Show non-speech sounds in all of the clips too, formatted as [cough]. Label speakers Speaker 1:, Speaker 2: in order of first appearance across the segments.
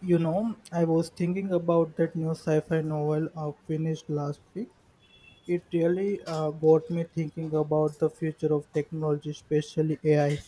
Speaker 1: I was thinking about that new sci fi novel I finished last week. It really got me thinking about the future of technology, especially AI.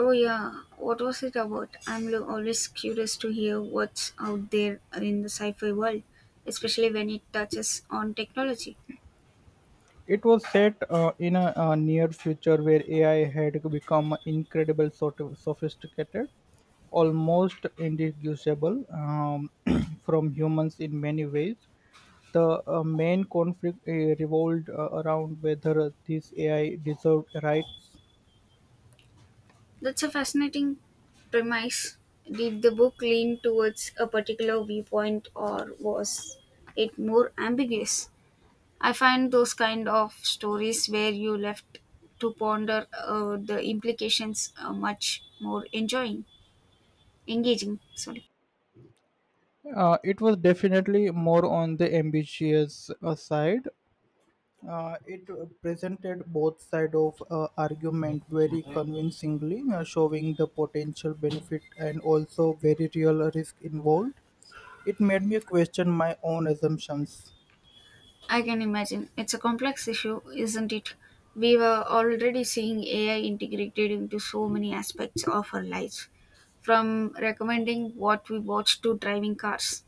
Speaker 2: Oh, yeah. What was it about? Always curious to hear what's out there in the sci fi world, especially when it touches on technology.
Speaker 1: It was set in a near future where AI had become incredible, sort of sophisticated, almost indistinguishable [clears throat] from humans in many ways. The main conflict revolved around whether this AI deserved rights.
Speaker 2: That's a fascinating premise. Did the book lean towards a particular viewpoint or was it more ambiguous? I find those kind of stories where you left to ponder the implications much more engaging. Sorry.
Speaker 1: It was definitely more on the ambitious side. It presented both side of argument very convincingly, showing the potential benefit and also very real risk involved. It made me question my own assumptions.
Speaker 2: I can imagine. It's a complex issue, isn't it? We were already seeing AI integrated into so many aspects of our lives, from recommending what we watch to driving cars.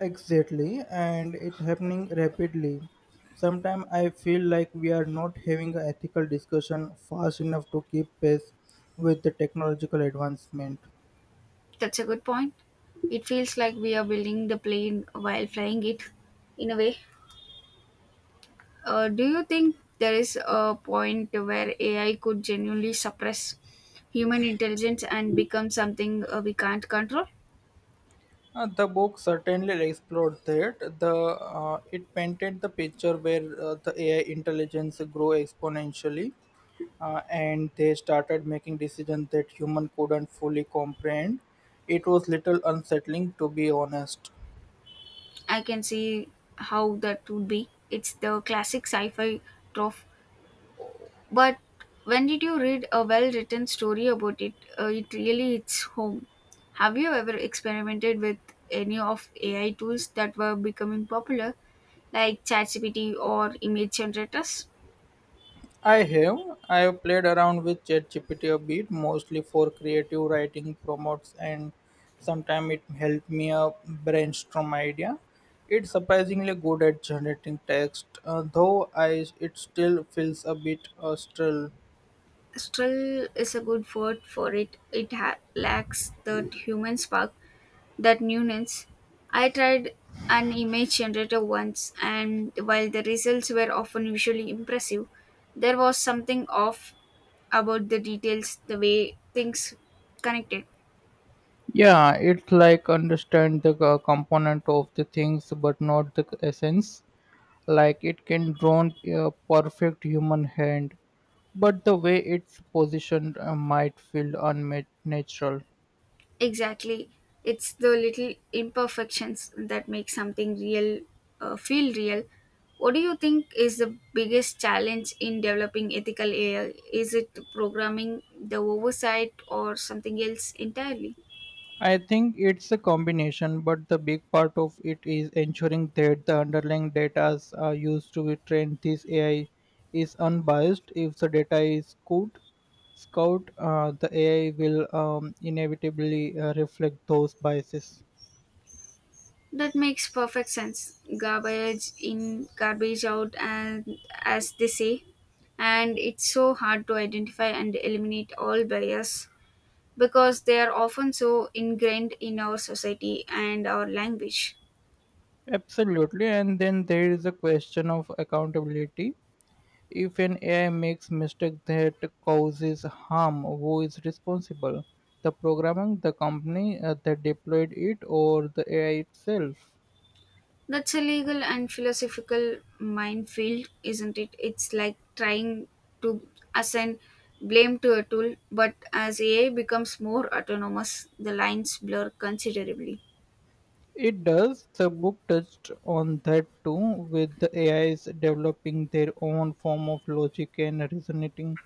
Speaker 1: Exactly, and it happening rapidly. Sometimes I feel like we are not having an ethical discussion fast enough to keep pace with the technological advancement.
Speaker 2: That's a good point. It feels like we are building the plane while flying it, in a way. Do you think there is a point where AI could genuinely suppress human intelligence and become something we can't control?
Speaker 1: The book certainly explored that. The It painted the picture where the AI intelligence grew exponentially, and they started making decisions that human couldn't fully comprehend. It was little unsettling, to be honest.
Speaker 2: I can see how that would be. It's the classic sci-fi trope. But when did you read a well-written story about it? It really hits home. Have you ever experimented with any of AI tools that were becoming popular, like ChatGPT or image generators?
Speaker 1: I have. I have played around with ChatGPT a bit, mostly for creative writing, promotes, and sometimes it helped me brainstorm idea. It's surprisingly good at generating text, though I it still feels a bit still.
Speaker 2: Still is a good word for it. It lacks that human spark, that newness. I tried an image generator once, and while the results were often visually impressive, there was something off about the details, the way things connected.
Speaker 1: Yeah, it's like understand the component of the things, but not the essence. Like it can draw a perfect human hand, but the way it's positioned might feel unnatural.
Speaker 2: Exactly. It's the little imperfections that make something real feel real. What do you think is the biggest challenge in developing ethical AI? Is it programming, the oversight, or something else entirely?
Speaker 1: I think it's a combination, but the big part of it is ensuring that the underlying data are used to train this AI is unbiased. If the data is good, scout, the AI will inevitably reflect those biases.
Speaker 2: That makes perfect sense. Garbage in, garbage out, and as they say, and it's so hard to identify and eliminate all bias because they are often so ingrained in our society and our language.
Speaker 1: Absolutely, and then there is a question of accountability. If an AI makes mistake that causes harm, who is responsible? The programming, the company that deployed it, or the AI itself?
Speaker 2: That's a legal and philosophical minefield, isn't it? It's like trying to assign blame to a tool, but as AI becomes more autonomous, the lines blur considerably.
Speaker 1: It does. The book touched on that too, with the AIs developing their own form of logic and reasoning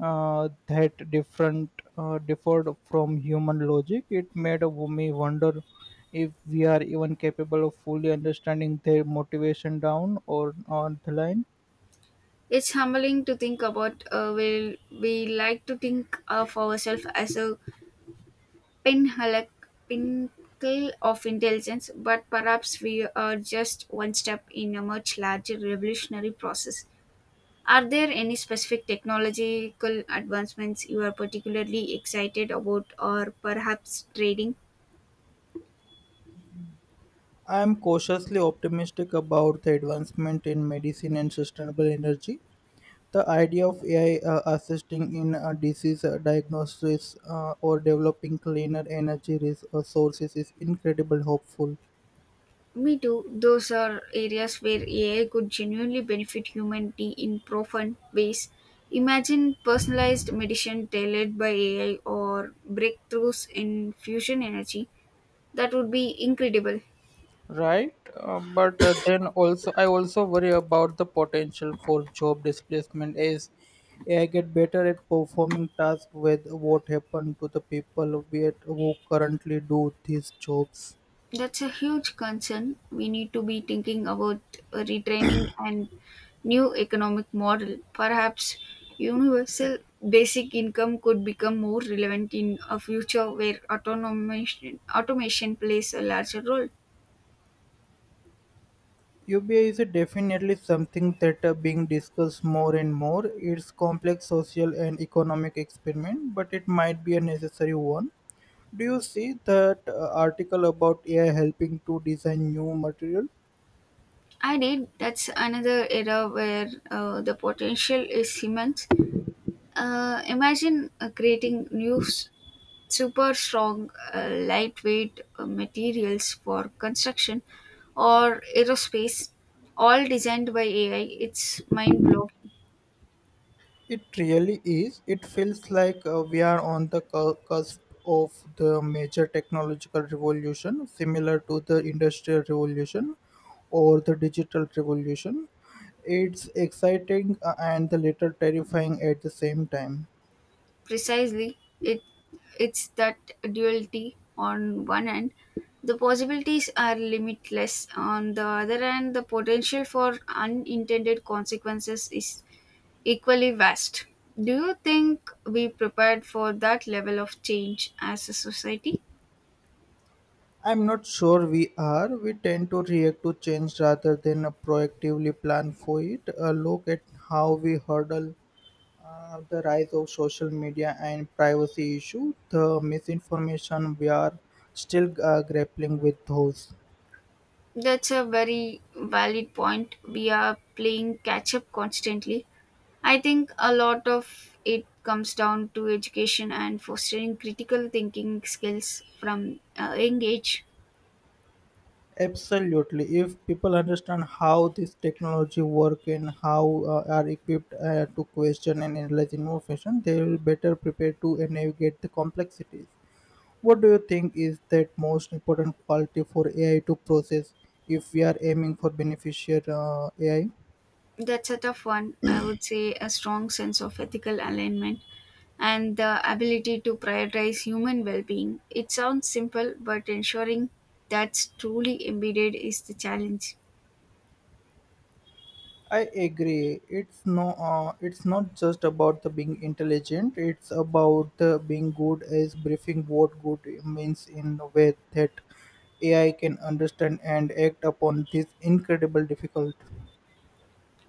Speaker 1: that different differed from human logic. It made me wonder if we are even capable of fully understanding their motivation down or on the line.
Speaker 2: It's humbling to think about. Will we like to think of ourselves as a pinhole, pinnacle of intelligence, but perhaps we are just one step in a much larger revolutionary process. Are there any specific technological advancements you are particularly excited about, or perhaps trading?
Speaker 1: I am cautiously optimistic about the advancement in medicine and sustainable energy. The idea of AI assisting in disease diagnosis or developing cleaner energy sources is incredibly hopeful.
Speaker 2: Me too. Those are areas where AI could genuinely benefit humanity in profound ways. Imagine personalized medicine tailored by AI or breakthroughs in fusion energy. That would be incredible.
Speaker 1: Right, but then also I also worry about the potential for job displacement as AI get better at performing tasks with what happened to the people with, who currently do these jobs.
Speaker 2: That's a huge concern. We need to be thinking about retraining and new economic model. Perhaps universal basic income could become more relevant in a future where automation plays a larger role.
Speaker 1: UBI is definitely something that are being discussed more and more. It's complex social and economic experiment, but it might be a necessary one. Do you see that article about AI helping to design new material?
Speaker 2: I did. That's another era where the potential is immense. Imagine creating new, super strong, lightweight materials for construction or aerospace, all designed by AI. It's mind blowing.
Speaker 1: It really is. It feels like we are on the cusp of the major technological revolution, similar to the industrial revolution or the digital revolution. It's exciting and a little terrifying at the same time.
Speaker 2: Precisely, it it's that duality on one end. The possibilities are limitless. On the other hand, the potential for unintended consequences is equally vast. Do you think we prepared for that level of change as a society?
Speaker 1: I'm not sure we are. We tend to react to change rather than proactively plan for it. A look at how we hurdle. The rise of social media and privacy issue, the misinformation, we are still grappling with those.
Speaker 2: That's a very valid point. We are playing catch up constantly. I think a lot of it comes down to education and fostering critical thinking skills from a young age.
Speaker 1: Absolutely. If people understand how this technology work and how are equipped to question and analyze information, they will better prepare to navigate the complexities. What do you think is that most important quality for AI to process if we are aiming for beneficial AI?
Speaker 2: That's a tough one. I would say a strong sense of ethical alignment and the ability to prioritize human well being. It sounds simple, but ensuring that's truly embedded is the challenge.
Speaker 1: I agree. It's not just about the being intelligent. It's about the being good as briefing what good means in a way that AI can understand and act upon this incredible difficult.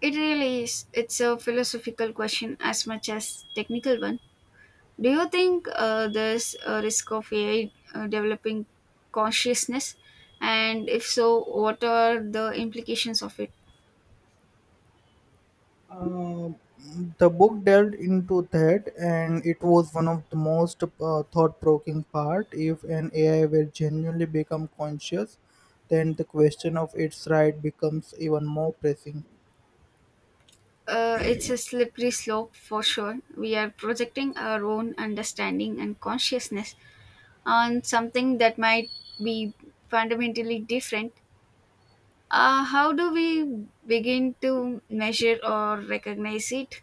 Speaker 2: It really is. It's a philosophical question as much as technical one. Do you think there's a risk of AI developing consciousness? And if so, what are the implications of it?
Speaker 1: Uh, the book delved into that, and it was one of the most thought-provoking part. If an AI were genuinely become conscious, then the question of its right becomes even more pressing.
Speaker 2: It's a slippery slope for sure. We are projecting our own understanding and consciousness on something that might be fundamentally different. How do we begin to measure or recognize it?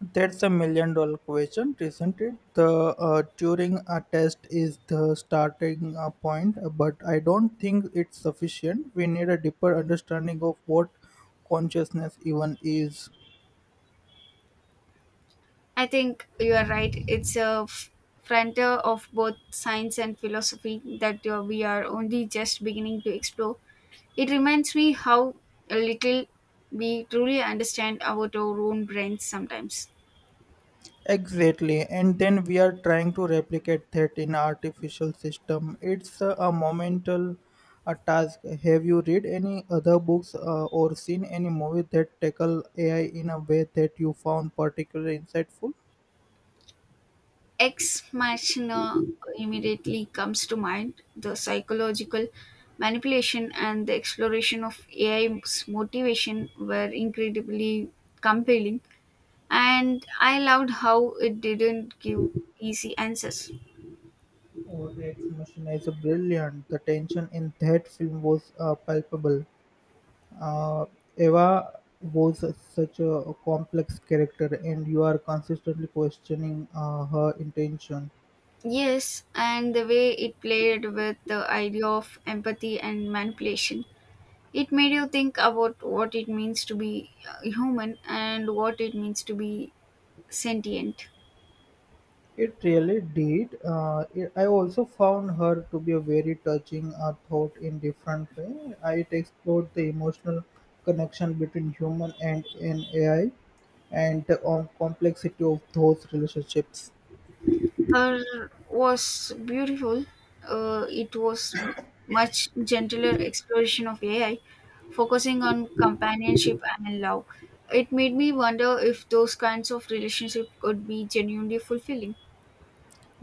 Speaker 1: That's a million-dollar question, isn't it? The Turing test is the starting point, but I don't think it's sufficient. We need a deeper understanding of what consciousness even is.
Speaker 2: I think you are right. It's a frontier of both science and philosophy that we are only just beginning to explore. It reminds me how little we truly understand about our own brains sometimes.
Speaker 1: Exactly, and then we are trying to replicate that in artificial system. It's a monumental task. Have you read any other books or seen any movie that tackle AI in a way that you found particularly insightful?
Speaker 2: Ex Machina immediately comes to mind. The psychological manipulation and the exploration of AI's motivation were incredibly compelling, and I loved how it didn't give easy answers.
Speaker 1: Warwick's mission is brilliant. The tension in that film was palpable. Uh, Eva was such a complex character, and you are consistently questioning her intention.
Speaker 2: Yes, and the way it played with the idea of empathy and manipulation. It made you think about what it means to be human and what it means to be sentient.
Speaker 1: It really did. I also found her to be a very touching thought in different way. It explored the emotional connection between human and an AI, and the complexity of those relationships.
Speaker 2: Her was beautiful. It was much gentler exploration of AI, focusing on companionship and love. It made me wonder if those kinds of relationship could be genuinely fulfilling.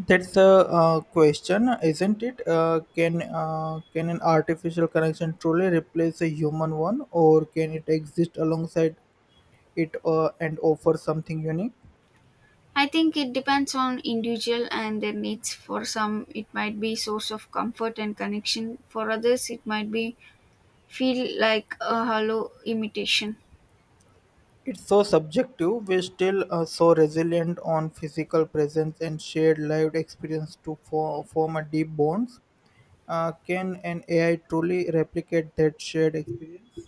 Speaker 1: That's a question, isn't it? Can an artificial connection truly replace a human one, or can it exist alongside it and offer something unique?
Speaker 2: I think it depends on individual and their needs. For some, it might be source of comfort and connection. For others, it might be feel like a hollow imitation.
Speaker 1: It's so subjective. We're still so resilient on physical presence and shared lived experience to form a deep bonds. Can an AI truly replicate that shared experience?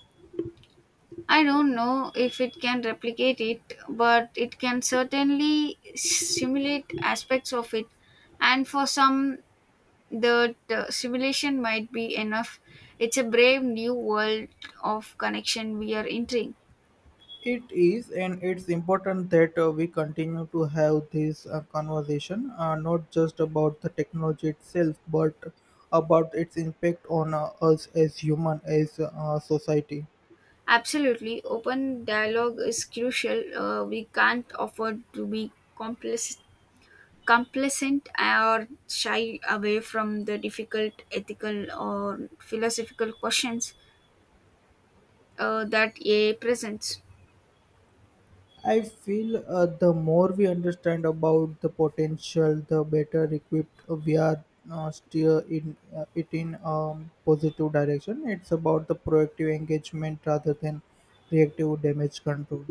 Speaker 2: I don't know if it can replicate it, but it can certainly simulate aspects of it. And for some, the simulation might be enough. It's a brave new world of connection we are entering.
Speaker 1: It is, and it's important that we continue to have this conversation, not just about the technology itself, but about its impact on us as human, as society.
Speaker 2: Absolutely, open dialogue is crucial. We can't afford to be complacent or shy away from the difficult ethical or philosophical questions that AI presents.
Speaker 1: I feel the more we understand about the potential, the better equipped we are steer in it in positive direction. It's about the proactive engagement rather than reactive damage control.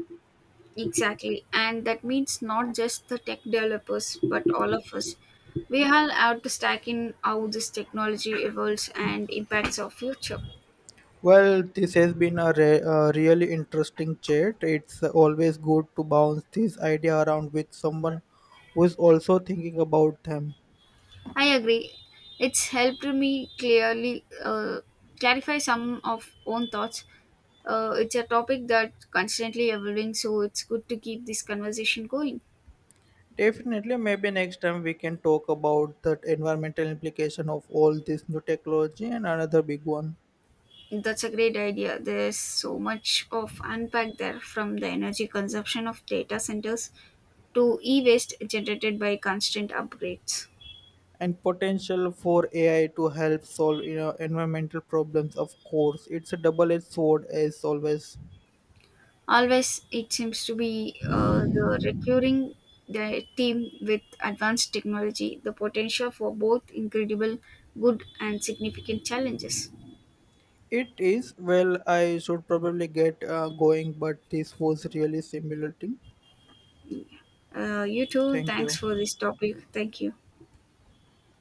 Speaker 2: Exactly. And that means not just the tech developers, but all of us. We all have to stack in how this technology evolves and impacts our future.
Speaker 1: Well, this has been a really interesting chat. It's always good to bounce this idea around with someone who is also thinking about them.
Speaker 2: I agree. It's helped me clearly clarify some of own thoughts. It's a topic that constantly evolving, so it's good to keep this conversation going.
Speaker 1: Definitely, maybe next time we can talk about the environmental implication of all this new technology and another big one,
Speaker 2: That's a great idea. There's so much of unpack there from the energy consumption of data centers to e-waste generated by constant upgrades.
Speaker 1: and potential for AI to help solve environmental problems. Of course, it's a double-edged sword as always.
Speaker 2: Always, it seems to be the recurring theme with advanced technology, the potential for both incredible good and significant challenges.
Speaker 1: It is. Well, I should probably get going, but this was really stimulating.
Speaker 2: You too.
Speaker 1: Thank
Speaker 2: Thanks
Speaker 1: you.
Speaker 2: for this topic. Thank you.